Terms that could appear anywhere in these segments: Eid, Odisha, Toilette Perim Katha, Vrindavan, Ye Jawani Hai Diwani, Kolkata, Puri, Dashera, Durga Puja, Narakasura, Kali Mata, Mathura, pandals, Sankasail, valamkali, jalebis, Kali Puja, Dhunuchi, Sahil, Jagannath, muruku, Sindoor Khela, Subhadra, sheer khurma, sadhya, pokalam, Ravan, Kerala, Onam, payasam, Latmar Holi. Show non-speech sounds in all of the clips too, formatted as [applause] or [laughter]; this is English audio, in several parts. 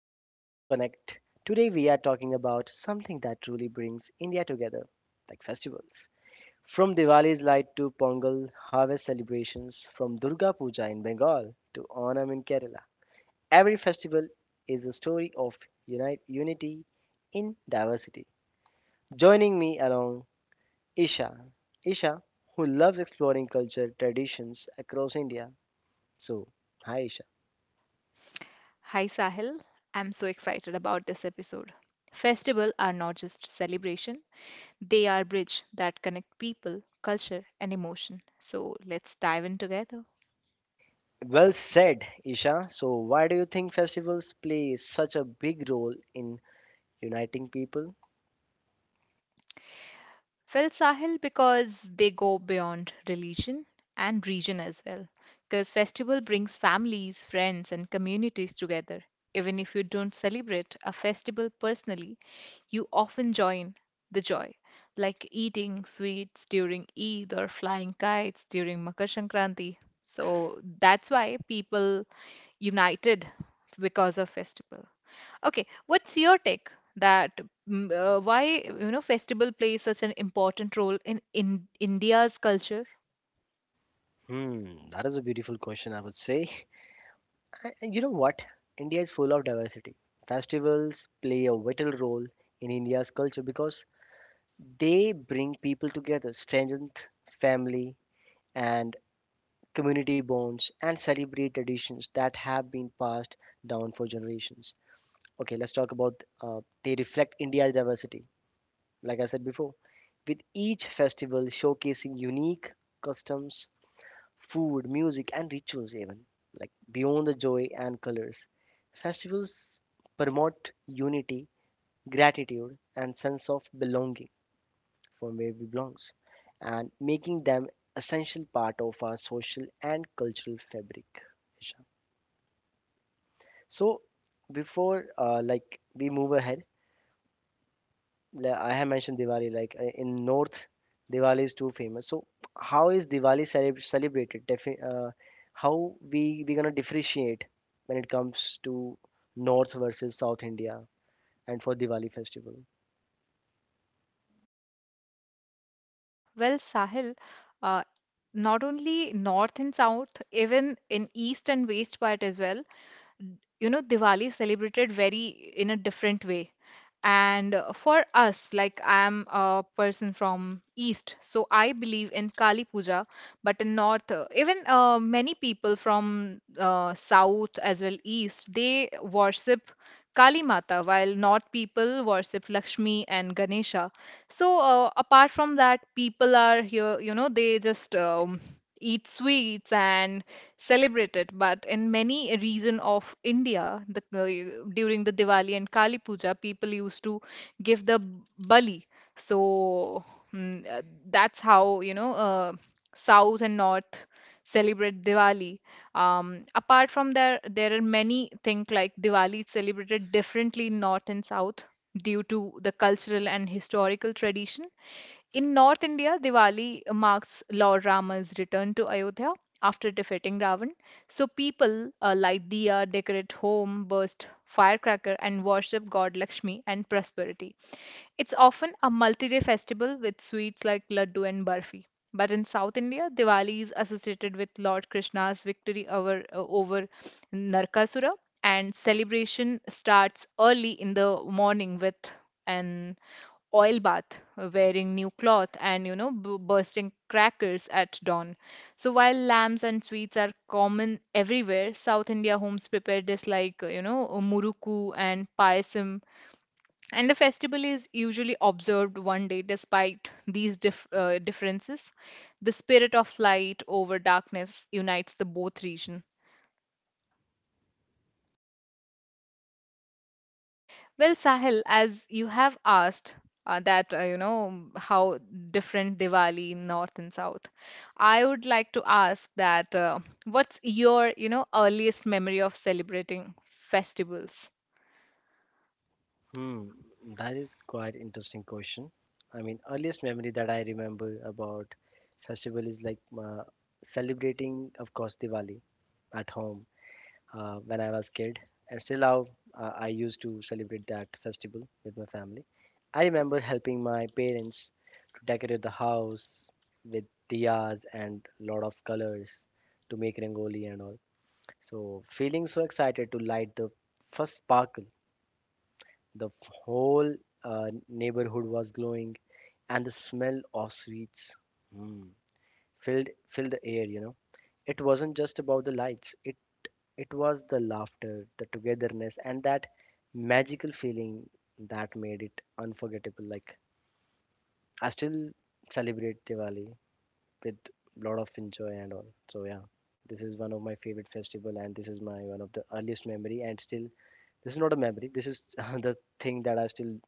to Culture Connect. Today we are talking about something that truly brings India together, like festivals. From Diwali's light to Pongal harvest celebrations, from Durga Puja in Bengal to Onam in Kerala. Every festival is a story of unity in diversity. Joining me along Isha. Isha, who loves exploring culture traditions across India. So, hi Isha. Hi Sahil, I'm so excited about this episode. Festivals are not just celebration, they are bridge that connect people, culture and emotion. So let's dive in together. Well said, Isha. So, why do you think festivals play such a big role in uniting people? Well, Sahil, because they go beyond religion and region as well. Because festival brings families, friends, and communities together. Even if you don't celebrate a festival personally, you often join the joy, like eating sweets during Eid or flying kites during Makar Sankranti. So that's why people united because of festival. Okay, what's your take that why festival plays such an important role in India's culture? Hmm, that is a beautiful question, I would say. And you know what? India is full of diversity. Festivals play a vital role in India's culture because they bring people together, strengthen family and community bonds, and celebrate traditions that have been passed down for generations. Okay, let's talk about they reflect India's diversity. Like I said before, with each festival showcasing unique customs, food, music, and rituals, even like beyond the joy and colors. Festivals promote unity, gratitude, and sense of belonging from where we belongs, and making them essential part of our social and cultural fabric. Isha. So, before like we move ahead, like I have mentioned Diwali, like in North, Diwali is too famous. So how is Diwali celebrated? Defi how we gonna differentiate when it comes to North versus South India and for Diwali festival? Well, Sahil, uh, not only north and south, even in east and west part as well, you know Diwali celebrated very in a different way. And for us, like I'm a person from East, so I believe in Kali Puja, but in North, even many people from South as well East, they worship Kali Mata, while North people worship Lakshmi and Ganesha. So apart from that, people are here, they just eat sweets and celebrate it. But in many region of India, during the Diwali and Kali Puja, people used to give the bali. So mm, uh, that's how South and North celebrate Diwali. Apart from there, there are many things like Diwali is celebrated differently in North and South due to the cultural and historical tradition. In North India, Diwali marks Lord Rama's return to Ayodhya after defeating Ravan. So people light diya, decorate home, burst firecracker, and worship god Lakshmi and prosperity. It's often a multi-day festival with sweets like laddu and barfi. But in South India, Diwali is associated with Lord Krishna's victory over Narkasura, and celebration starts early in the morning with an oil bath, wearing new cloth, and bursting crackers at dawn. So while lamps and sweets are common everywhere, South India homes prepare this like, muruku and payasam. And the festival is usually observed one day despite these differences. The spirit of light over darkness unites the both regions. Well, Sahil, as you have asked that, how different Diwali in North and South, I would like to ask that what's your, earliest memory of celebrating festivals? Hmm, that is quite interesting question. I mean, earliest memory that I remember about festival is like celebrating, of course, Diwali at home. When I was kid, and still now I used to celebrate that festival with my family. I remember helping my parents to decorate the house with diyas and lot of colors to make rangoli and all. So feeling so excited to light the first sparkle, the whole neighborhood was glowing, and the smell of sweets mm, filled the air. You know, it wasn't just about the lights; it was the laughter, the togetherness, and that magical feeling that made it unforgettable. Like I still celebrate Diwali with lot of enjoy and all. So yeah, this is one of my favorite festival, and this is my one of the earliest memory. And still, this is not a memory. This is [laughs] the thing that I still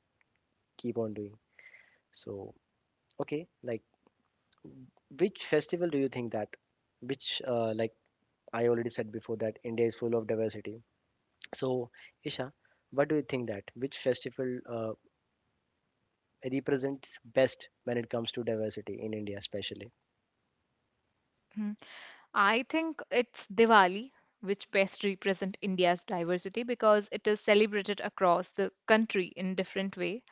keep on doing. So okay, like which festival do you think that? Which like I already said before that India is full of diversity. So, Isha, what do you think that which festival represents best when it comes to diversity in India, especially? Mhm. I think it's Diwali, which best represent India's diversity because it is celebrated across the country in different way,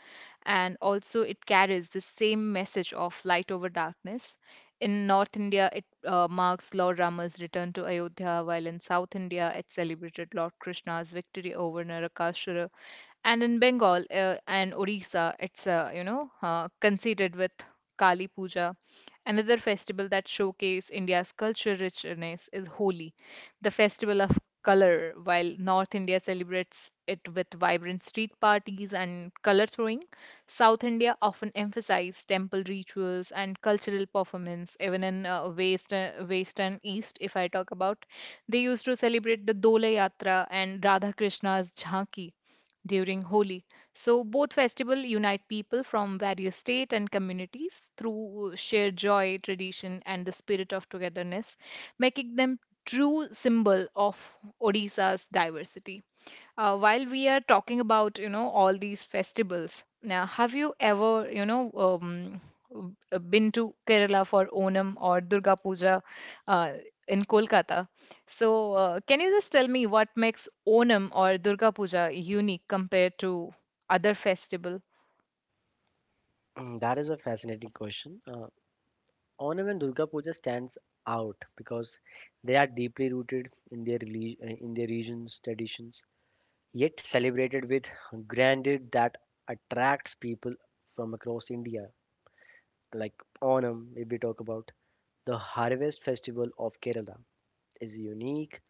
and also it carries the same message of light over darkness. In North India, it marks Lord Rama's return to Ayodhya, while in South India, it celebrated Lord Krishna's victory over Narakasura. And in Bengal and Orissa, it's conceited with Kali Puja. Another festival that showcases India's cultural richness is Holi, the festival of color. While North India celebrates it with vibrant street parties and color throwing, South India often emphasizes temple rituals and cultural performance. Even in West and East, if I talk about, they used to celebrate the Dola Yatra and Radha Krishna's Jhanki during Holi. So both festival unite people from various state and communities through shared joy, tradition, and the spirit of togetherness, making them true symbol of Odisha's diversity. While we are talking about, all these festivals, now have you ever, been to Kerala for Onam or Durga Puja uh, in Kolkata. So, can you just tell me what makes Onam or Durga Puja unique compared to other festival? That is a fascinating question. Onam and Durga Puja stands out because they are deeply rooted in their region's traditions, yet celebrated with grandeur that attracts people from across India. Like Onam, if we talk about the harvest festival of Kerala, is unique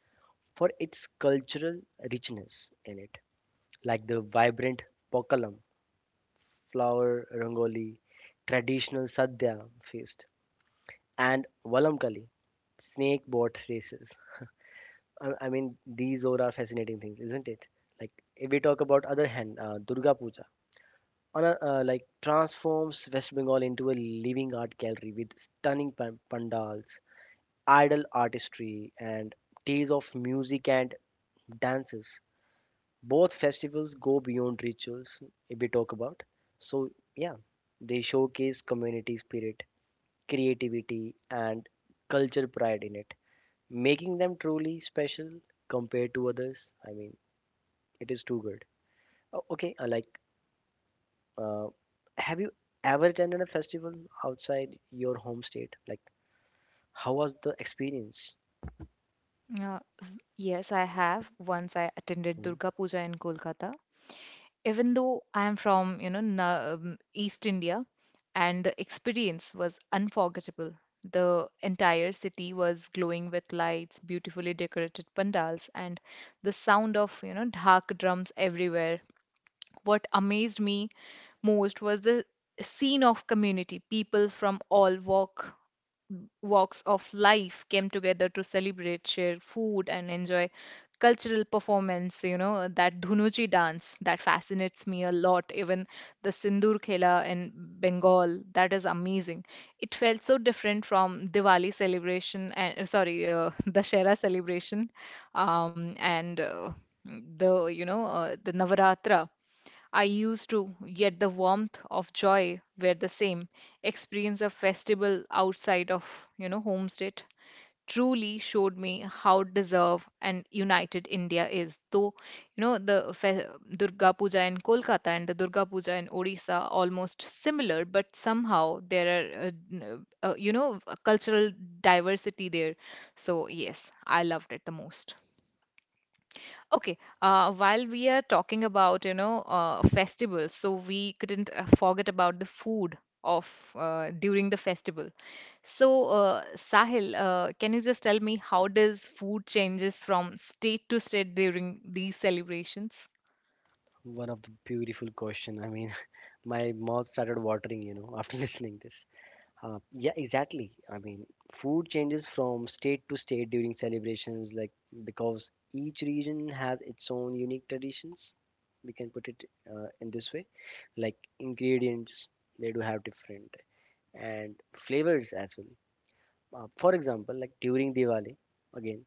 for its cultural richness in it, like the vibrant pokalam, flower rangoli, traditional sadhya feast, and valamkali, snake boat races. I mean, these all are fascinating things, isn't it? Like if we talk about other hand, Durga Puja, like transforms West Bengal into a living art gallery with stunning pandals, idol artistry, and days of music and dances. Both festivals go beyond rituals, if we talk about. So yeah, they showcase community spirit, creativity, and cultural pride in it, making them truly special compared to others. I mean, it is too good. Okay like uh, have you ever attended a festival outside your home state, like how was the experience? Uh, yes, I have. Once I attended Mm, Durga Puja in Kolkata. Even though I am from, East India, and the experience was unforgettable. The entire city was glowing with lights, beautifully decorated pandals, and the sound of, dhak drums everywhere. What amazed me most was the scene of community. People from all walks of life came together to celebrate, share food, and enjoy cultural performance. You know, that Dhunuchi dance that fascinates me a lot, even the Sindoor Khela in Bengal, that is amazing. It felt so different from Diwali celebration and sorry, [laughs] Dashera celebration, and the you know the Navaratra. I used to, yet the warmth of joy were the same. Experience of festival outside of, homestead truly showed me how deserved and united India is. Though, you know, the fe- Durga Puja in Kolkata and the Durga Puja in Odisha almost similar, but somehow there are, a cultural diversity there. So yes, I loved it the most. Okay, while we are talking about, festivals, so we couldn't forget about the food of during the festival. So, Sahil, can you just tell me how does food changes from state to state during these celebrations? One of the beautiful question. I mean, [laughs] my mouth started watering, after [laughs] listening this. Yeah, exactly. I mean, food changes from state to state during celebrations, like because each region has its own unique traditions. We can put it in this way, like ingredients they do have different and flavors as well. For example, like during Diwali, again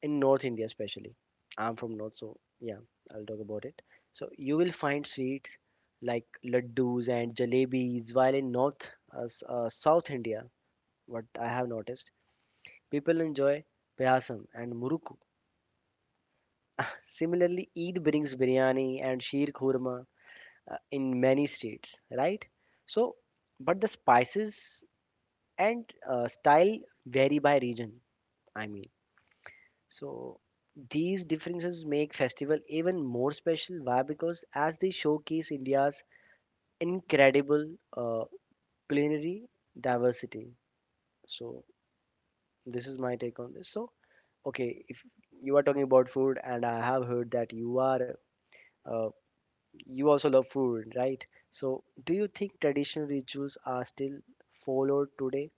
in North India especially. I'm from North, so yeah, I'll talk about it. So you will find sweets like laddus and jalebis, while in North, South India what I have noticed. People enjoy payasam and muruku. [laughs] Similarly, Eid brings biryani and sheer khurma in many states, right? So, but the spices and style vary by region, I mean. So, these differences make festival even more special. Why? Because as they showcase India's incredible uh, culinary diversity. So, this is my take on this. So, okay, if you are talking about food, and I have heard that you are uh, you also love food, right? So, do you think traditional rituals are still followed today?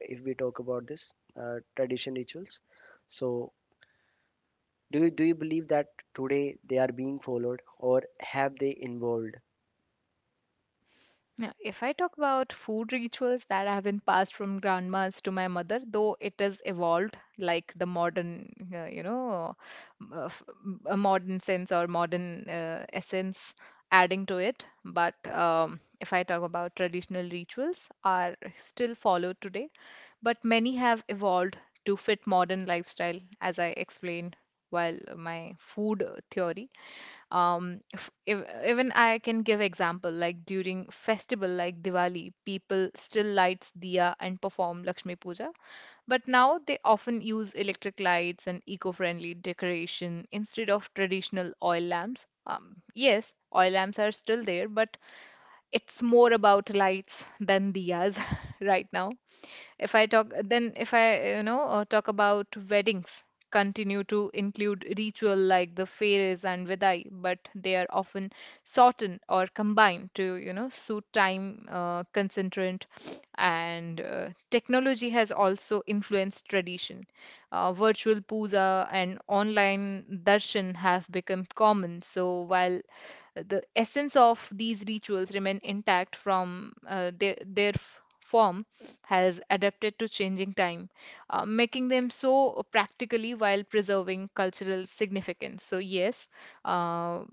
If we talk about this tradition rituals, so do you believe that today they are being followed, or have they evolved? Yeah, if I talk about food rituals that have been passed from grandmas to my mother, though it has evolved like the modern, a modern sense or modern essence adding to it. But if I talk about traditional rituals, are still followed today, but many have evolved to fit modern lifestyle, as I explained while my food theory. F- ev even I can give example like during festival like Diwali, people still lights diya and perform Lakshmi Puja, but now they often use electric lights and eco-friendly decoration instead of traditional oil lamps. Yes, oil lamps are still there, but it's more about lights than diyas [laughs] right now. If I talk, then if I, talk about weddings, continue to include ritual like the fairs and vidai, but they are often shortened or combined to, suit time, concentrant, and technology has also influenced tradition. Virtual puja and online darshan have become common. So while the essence of these rituals remain intact from form has adapted to changing time, making them so practically while preserving cultural significance. So yes, uh,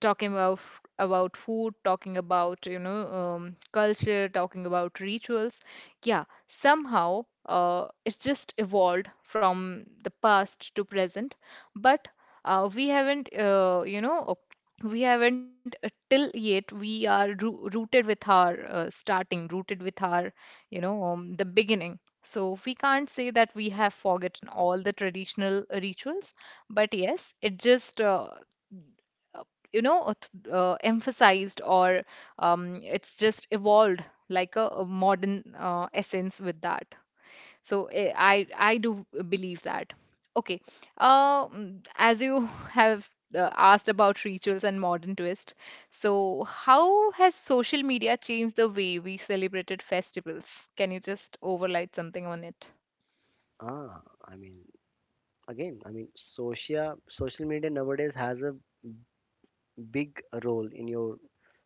talking about food, talking about culture, talking about rituals. Yeah, somehow it's just evolved from the past to present, but we haven't we haven't till yet we are rooted with our starting, rooted with our the beginning. So we can't say that we have forgotten all the traditional rituals, but yes, it just uh, emphasized or it's just evolved like a modern essence with that. So I do believe that. Okay. As you [laughs] have asked about rituals and modern twist, so how has social media changed the way we celebrated festivals? Can you just overlight something on it? Ah, I mean, again, I mean, social media nowadays has a big role in your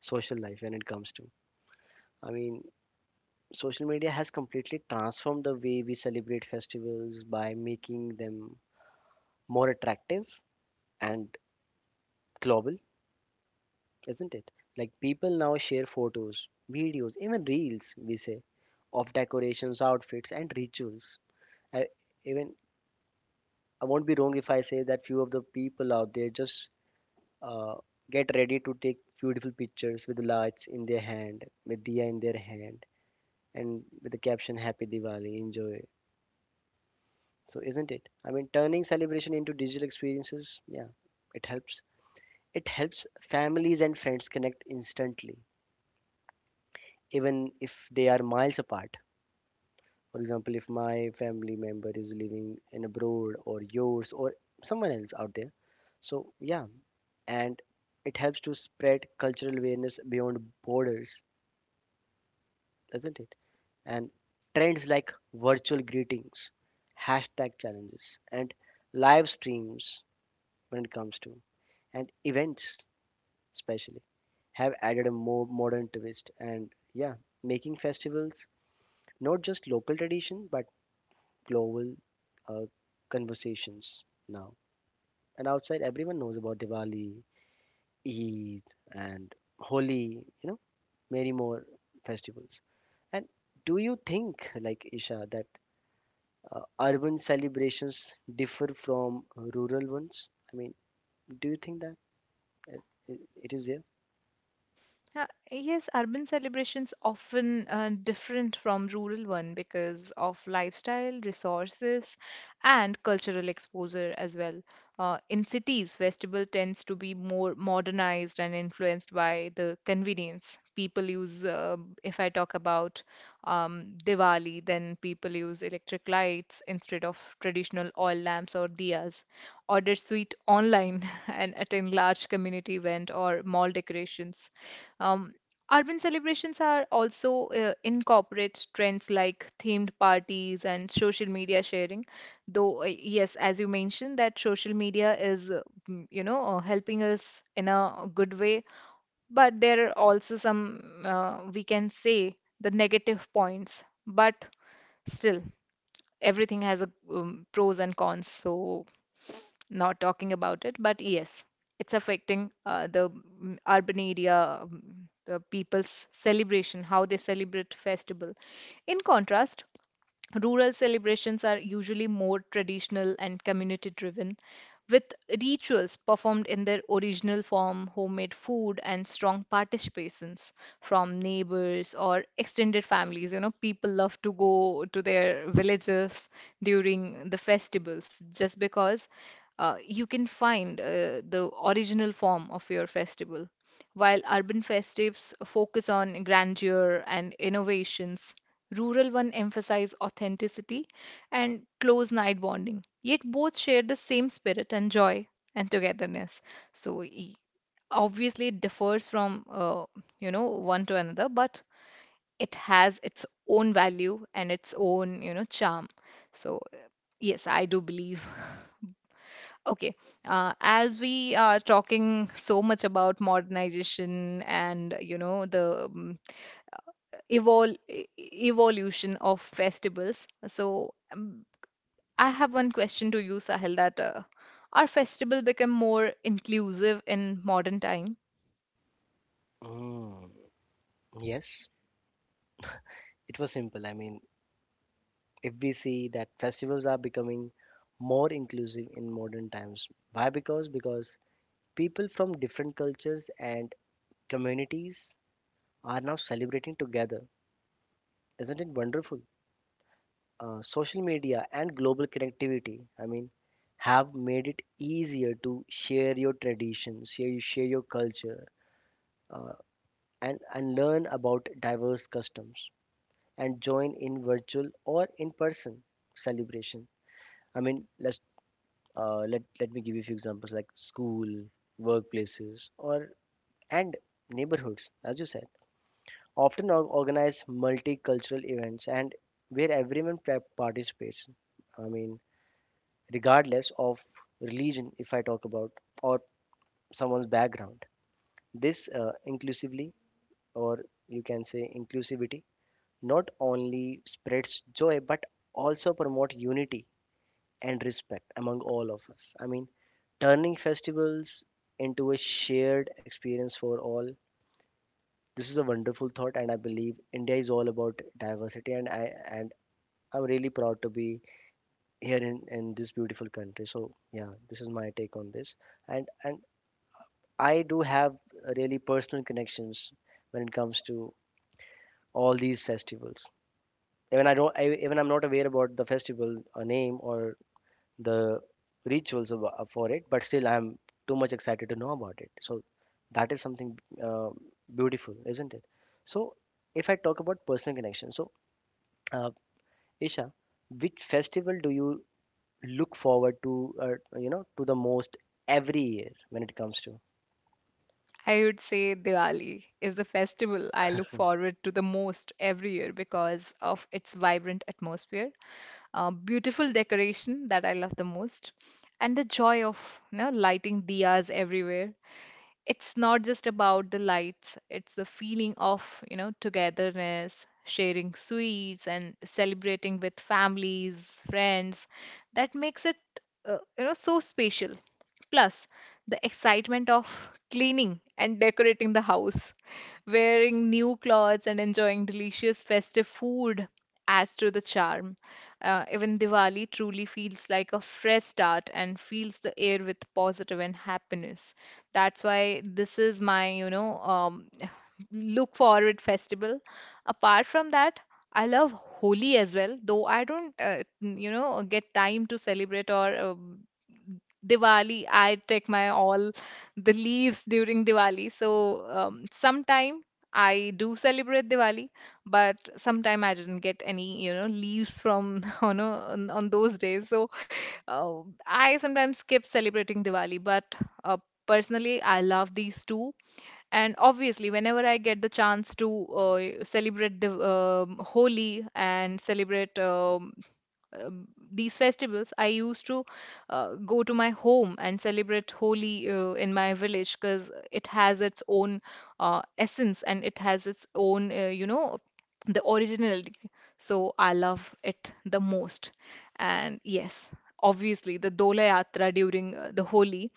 social life when it comes to. I mean, social media has completely transformed the way we celebrate festivals by making them more attractive and global, isn't it? Like people now share photos, videos, even reels, we say, of decorations, outfits, and rituals. I, even I won't be wrong if I say that few of the people out there just uh, get ready to take beautiful pictures with lights in their hand, with diya in their hand, and with the caption "Happy Diwali, enjoy." So isn't it? I mean, turning celebration into digital experiences, yeah, it helps. It helps families and friends connect instantly, even if they are miles apart. For example, if my family member is living in abroad or yours or someone else out there. So yeah, and it helps to spread cultural awareness beyond borders, doesn't it? And trends like virtual greetings, hashtag challenges, and live streams when it comes to and events especially have added a more modern twist, and yeah, making festivals not just local tradition but global uh, conversations now. And outside everyone knows about Diwali, Eid, and Holi, you know, many more festivals. And do you think, like, Isha, that urban celebrations differ from rural ones? I mean, do you think that it, it it is there? Uh, Yes, urban celebrations often different from rural one because of lifestyle, resources, and cultural exposure as well. In cities, festival tends to be more modernized and influenced by the convenience. People use, if I talk about Diwali, then people use electric lights instead of traditional oil lamps or diyas. Order sweet online [laughs] and attend large community event or mall decorations um, urban celebrations are also incorporates trends like themed parties and social media sharing. Though, yes, as you mentioned, that social media is, helping us in a good way, but there are also some, we can say, the negative points. But still, everything has a pros and cons, so not talking about it. But yes, it's affecting the urban area, the people's celebration, how they celebrate festival. In contrast, rural celebrations are usually more traditional and community driven, with rituals performed in their original form, homemade food, and strong participations from neighbors or extended families. People love to go to their villages during the festivals just because you can find the original form of your festival. While urban festives focus on grandeur and innovations, rural one emphasize authenticity and close night bonding, yet both share the same spirit and joy and togetherness. So obviously it differs from one to another, but it has its own value and its own charm. So yes, I do believe [laughs] Okay. As we are talking so much about modernization and, the evolution of festivals, so I have one question to you, Sahil, that are festival become more inclusive in modern time? Mm. Yes, it was simple. I mean, if we see that festivals are becoming more inclusive in modern times, why? Because people from different cultures and communities are now celebrating together. Isn't it wonderful? Social media and global connectivity, I mean, have made it easier to share your traditions, share your culture, uh, and learn about diverse customs and join in virtual or in person celebration. I mean, let's let me give you a few examples like school, workplaces, or and neighborhoods, as you said. Often organize multicultural events and where everyone participates. I mean, regardless of religion, if I talk about or someone's background. This inclusively, or you can say inclusivity, not only spreads joy but also promote unity and respect among all of us. I mean, turning festivals into a shared experience for all. This is a wonderful thought, and I believe India is all about diversity, and I'm really proud to be here in this beautiful country. So yeah, this is my take on this, and I do have really personal connections when it comes to all these festivals. Even I don't, I, even I'm not aware about the festival, a name or the rituals of, for it, but still I'm too much excited to know about it. So that is something uh, beautiful, isn't it? So if I talk about personal connection, so uh, Isha, which festival do you look forward to you know to the most every year when it comes to? I would say Diwali is the festival I look forward to the most every year because of its vibrant atmosphere, beautiful decoration that I love the most, and the joy of lighting diyas everywhere. It's not just about the lights, it's the feeling of togetherness, sharing sweets and celebrating with families, friends, that makes it so special. Plus, the excitement of cleaning and decorating the house, wearing new clothes and enjoying delicious festive food adds to the charm. Even Diwali truly feels like a fresh start and fills the air with positive and happiness. That's why this is my [sighs] [laughs] look forward festival. Apart from that, I love Holi as well, though I don't, get time to celebrate. Or Diwali, I take my all the leaves during Diwali. Sometime I do celebrate Diwali, but sometime I didn't get any, leaves from [laughs] on those days. So uh, I sometimes skip celebrating Diwali, but uh, personally, I love these two, and obviously, whenever I get the chance to celebrate the Holi and celebrate these festivals, I used to go to my home and celebrate Holi in my village because it has its own essence and it has its own, the originality. So I love it the most. And yes, obviously the Dola Yatra during the Holi.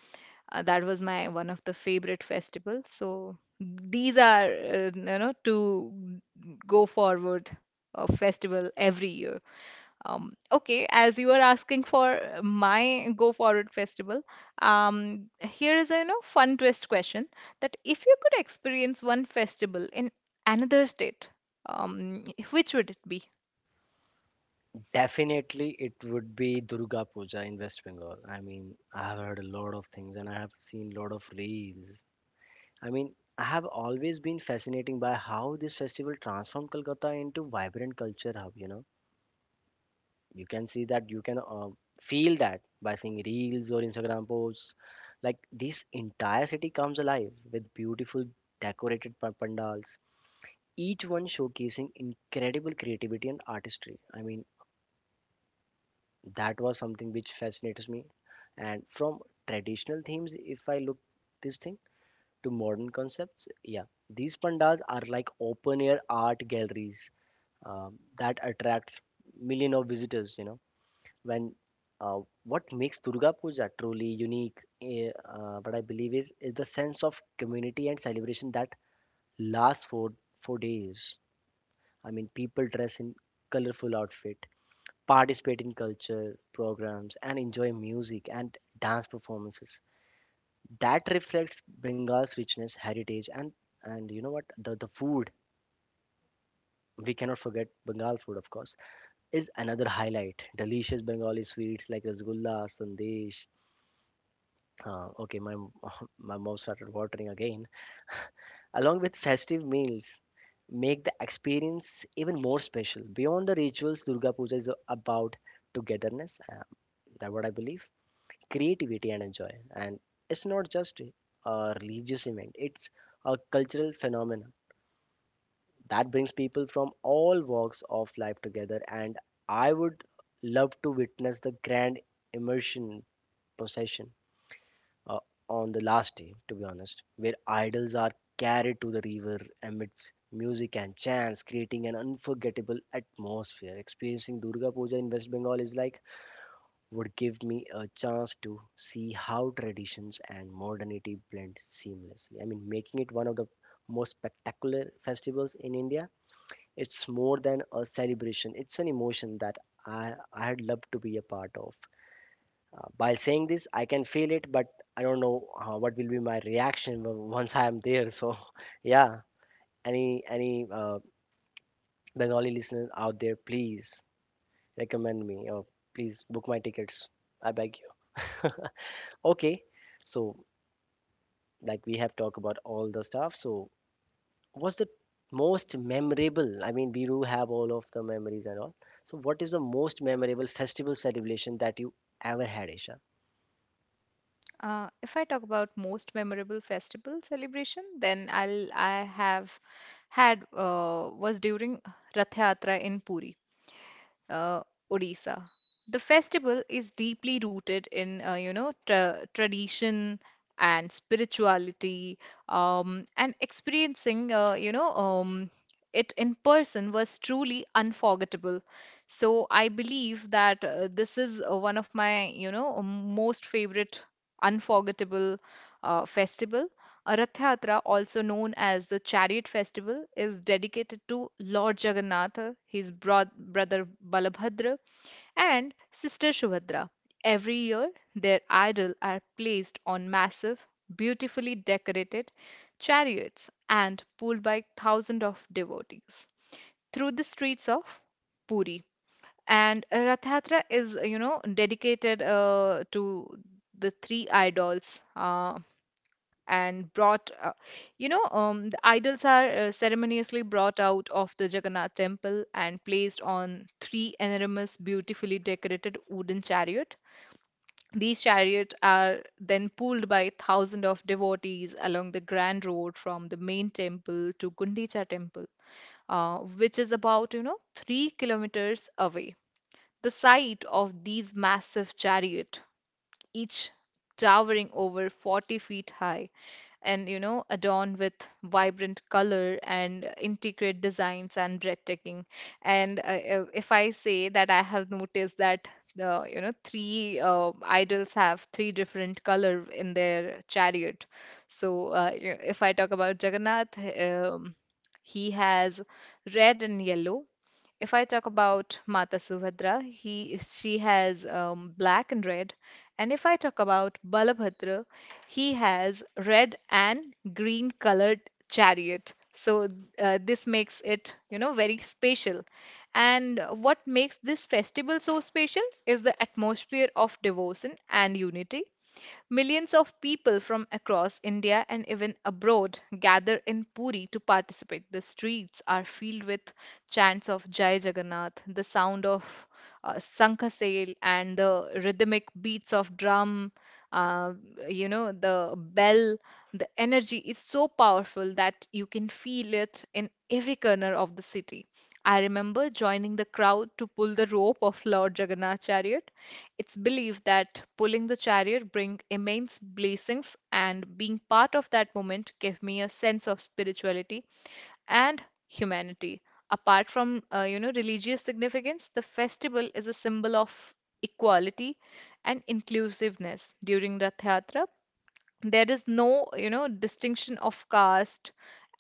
That was my one of the favorite festivals. So these are to go forward festival every year. Okay, as you are asking for my go forward festival, here is a fun twist question that if you could experience one festival in another state, um, which would it be? Definitely, it would be Durga Puja in West Bengal. I mean, I have heard a lot of things and I have seen a lot of reels. I mean, I have always been fascinated by how this festival transformed Kolkata into vibrant culture hub. You know, you can see that, you can feel that by seeing reels or Instagram posts. Like this entire city comes alive with beautiful decorated pandals, each one showcasing incredible creativity and artistry. I mean, that was something which fascinates me. And from traditional themes, if I look this thing to modern concepts. Yeah, these pandas are like open air art galleries that attracts millions of visitors. You know, when what makes Durga Puja truly unique, what I believe is the sense of community and celebration that lasts for days. I mean, people dress in colorful outfit, participate in culture programs, and enjoy music and dance performances that reflects Bengal's richness, heritage, and you know what? The food we cannot forget. Bengal food, of course, is another highlight. Delicious Bengali sweets like rasgulla, sandesh. Okay, my [laughs] my mouth started watering again. Along with festive meals, make the experience even more special. Beyond the rituals, Durga Puja is about togetherness. That's what I believe. Creativity and enjoy, and it's not just a religious event; it's a cultural phenomenon that brings people from all walks of life together, and I would love to witness the grand immersion procession, uh, on the last day to be honest, where idols are carried to the river amidst music and chants, creating an unforgettable atmosphere. Experiencing Durga Puja in West Bengal is like, would give me a chance to see how traditions and modernity blend seamlessly, I mean, making it one of the most spectacular festivals in India. It's more than a celebration, it's an emotion that I'd love to be a part of. By saying this, I can feel it, but I don't know what will be my reaction once I am there. So, [laughs] yeah, any Bengali listeners out there, please recommend me, or please book my tickets. I beg you. [laughs] Okay, so like we have talked about all the stuff, so what's the most memorable? I mean, we do have all of the memories and all. So, what is the most memorable festival celebration that you ever had, Isha? If I talk about most memorable festival celebration, then I have had was during Rath Yatra in Puri, uh, Odisha. The festival is deeply rooted in, tradition and spirituality, and experiencing, it in person was truly unforgettable. So I believe that this is one of my, most favorite unforgettable festival. A Rath Yatra, also known as the Chariot Festival, is dedicated to Lord Jagannatha, his brother Balabhadra, and sister Subhadra. Every year, their idols are placed on massive, beautifully decorated chariots and pulled by thousands of devotees through the streets of Puri. And Rath Yatra is, dedicated to the three idols. And brought, you know, The idols are ceremoniously brought out of the Jagannath temple and placed on three enormous, beautifully decorated wooden chariot. These chariots are then pulled by thousands of devotees along the grand road from the main temple to Gundicha temple, which is about, 3 kilometers away. The sight of these massive chariot, each towering over 40 feet high and adorned with vibrant color and intricate designs and breathtaking. And If I say that I have noticed that the three idols have three different color in their chariot. If I talk about Jagannath, he has red and yellow. If I talk about Mata Subhadra, he she has black and red, and if I talk about Balabhadra, he has red and green colored chariot. So this makes it, very special. And what makes this festival so special is the atmosphere of devotion and unity. Millions of people from across India and even abroad gather in Puri to participate. The streets are filled with chants of Jai Jagannath, the sound of Sankasail, and the rhythmic beats of drum, uh, the bell. The energy is so powerful that you can feel it in every corner of the city. I remember joining the crowd to pull the rope of Lord Jagannath chariot. It's believed that pulling the chariot bring immense blessings, and being part of that moment gave me a sense of spirituality and humanity. Apart from religious significance, the festival is a symbol of equality and inclusiveness. During Rath Yatra, there is no, distinction of caste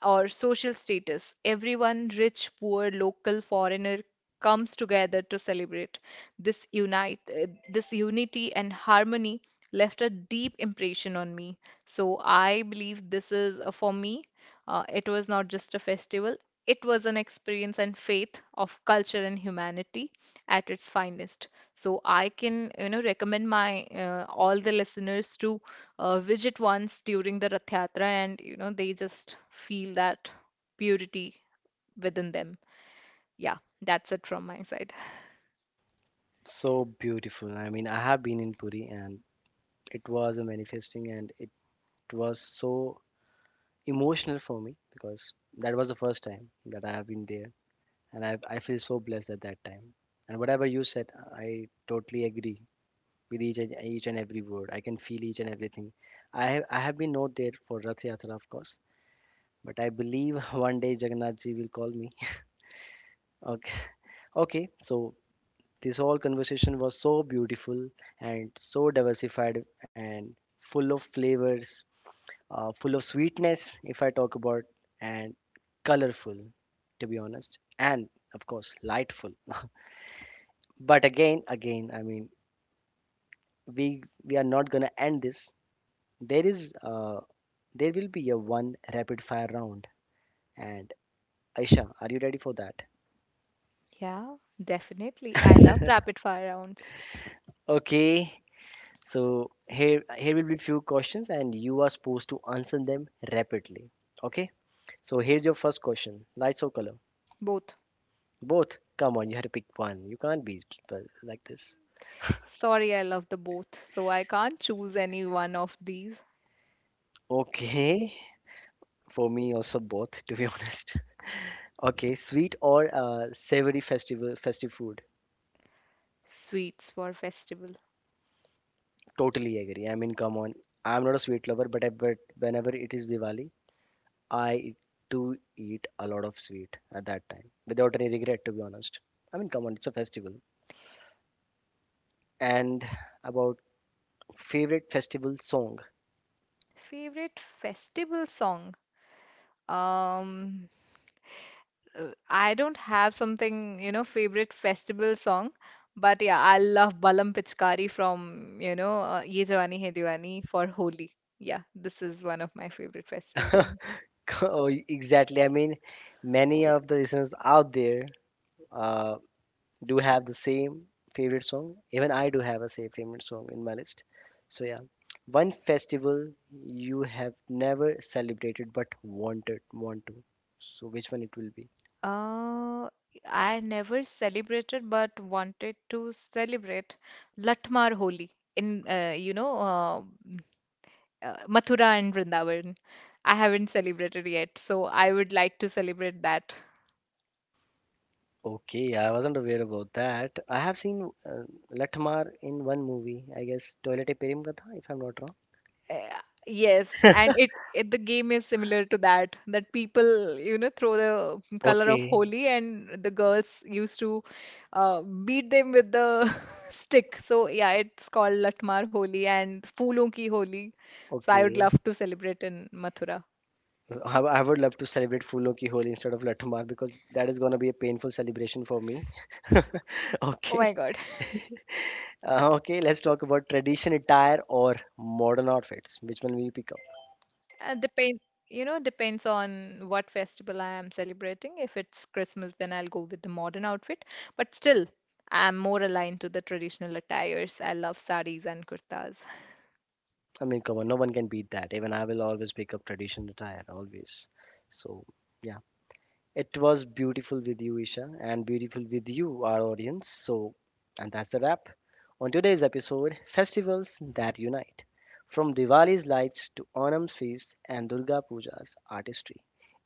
or social status. Everyone, rich, poor, local, foreigner, comes together to celebrate. This unity and harmony left a deep impression on me. So I believe this is for me. It was not just a festival. It was an experience and faith of culture and humanity at its finest. So I can, recommend my all the listeners to visit once during the Rath Yatra and they just feel that purity within them. Yeah, that's it from my side. So beautiful. I mean, I have been in Puri, and it was a manifesting, and it was so emotional for me, because that was the first time that I have been there, and I feel so blessed at that time. And whatever you said, I totally agree with each and every word. I can feel each and everything. I have been not there for Rath Yatra, of course. But I believe [laughs] one day Jagannath ji will call me. [laughs] Okay. Okay. So this whole conversation was so beautiful and so diversified and full of flavors, full of sweetness, if I talk about, and colorful, to be honest, and of course, lightful. [laughs] But again, I mean, we are not gonna end this. There is uh, there will be a one rapid fire round, and Aisha, are you ready for that? Yeah, definitely. I love rapid fire rounds. [laughs] Okay, so here will be few questions, and you are supposed to answer them rapidly. Okay? So here's your first question. Lights or color? Both. Both. Come on, you have to pick one. You can't be but like this. Sorry, I love the both. So I can't choose any one of these. Okay. For me also both, to be [laughs] honest. Okay, sweet or savory festival festive food? Sweets for festival. Totally agree. I mean, come on. I'm not a sweet lover, but I but whenever it is Diwali, I do eat a lot of sweet at that time without any regret, to be honest. I mean, come on, it's a festival. And about favorite festival song. Favorite festival song? Um, I don't have something, favorite festival song, but yeah, I love Balam Pichkari from, Ye Jawani Hai Diwani for Holi. Yeah, this is one of my favorite festival songs. [laughs] Oh, exactly. I mean, many of the listeners out there uh, do have the same favorite song. Even I do have a same favorite song in my list. So yeah, one festival you have never celebrated but want to. So which one it will be? Uh, I never celebrated but wanted to celebrate Latmar Holi in, Mathura and Vrindavan. I haven't celebrated yet, so I would like to celebrate that. Okay, I wasn't aware about that. I have seen Lathamar in one movie. I guess Toilette Perim Katha, if I'm not wrong. Uh, Yes, and it the game is similar to that that people throw the color of Okay, Holi and the girls used to beat them with the [laughs] stick. So yeah, it's called Latmar Holi and Phoolon Ki Holi. So I would okay. love to celebrate in Mathura. I would love to celebrate Phoolo Ki Holi instead of Lattu Maar, because that is going to be a painful celebration for me. [laughs] Oh Okay. my God. Okay, let's talk about tradition attire or modern outfits. Which one will you pick up? Uh, depend, Depends on what festival I am celebrating. If it's Christmas, then I'll go with the modern outfit. But still, I'm more aligned to the traditional attires. I love saris and kurtas. I mean, come on, no one can beat that. Even I will always pick up tradition attire, always. So, yeah. It was beautiful with you, Isha, and beautiful with you, our audience. So, and that's the wrap on today's episode, Festivals That Unite. From Diwali's lights to Onam's feast and Durga Puja's artistry,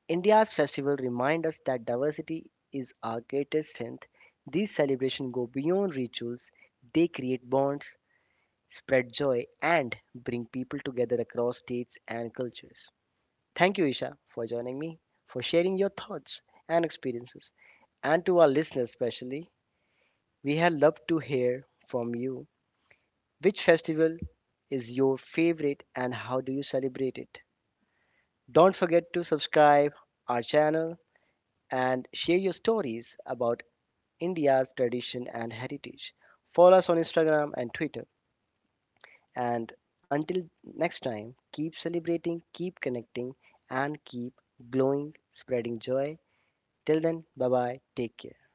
India's festivals remind us that diversity is our greatest strength. These celebrations go beyond rituals, they create bonds, spread joy, and bring people together across states and cultures. Thank you, Isha, for joining me, for sharing your thoughts and experiences. And to our listeners, especially, we have loved to hear from you. Which festival is your favorite, and how do you celebrate it? Don't forget to subscribe our channel and share your stories about India's tradition and heritage. Follow us on Instagram and Twitter. And until next time, keep celebrating, keep connecting, and keep glowing, spreading joy. Till then, bye bye. Take care.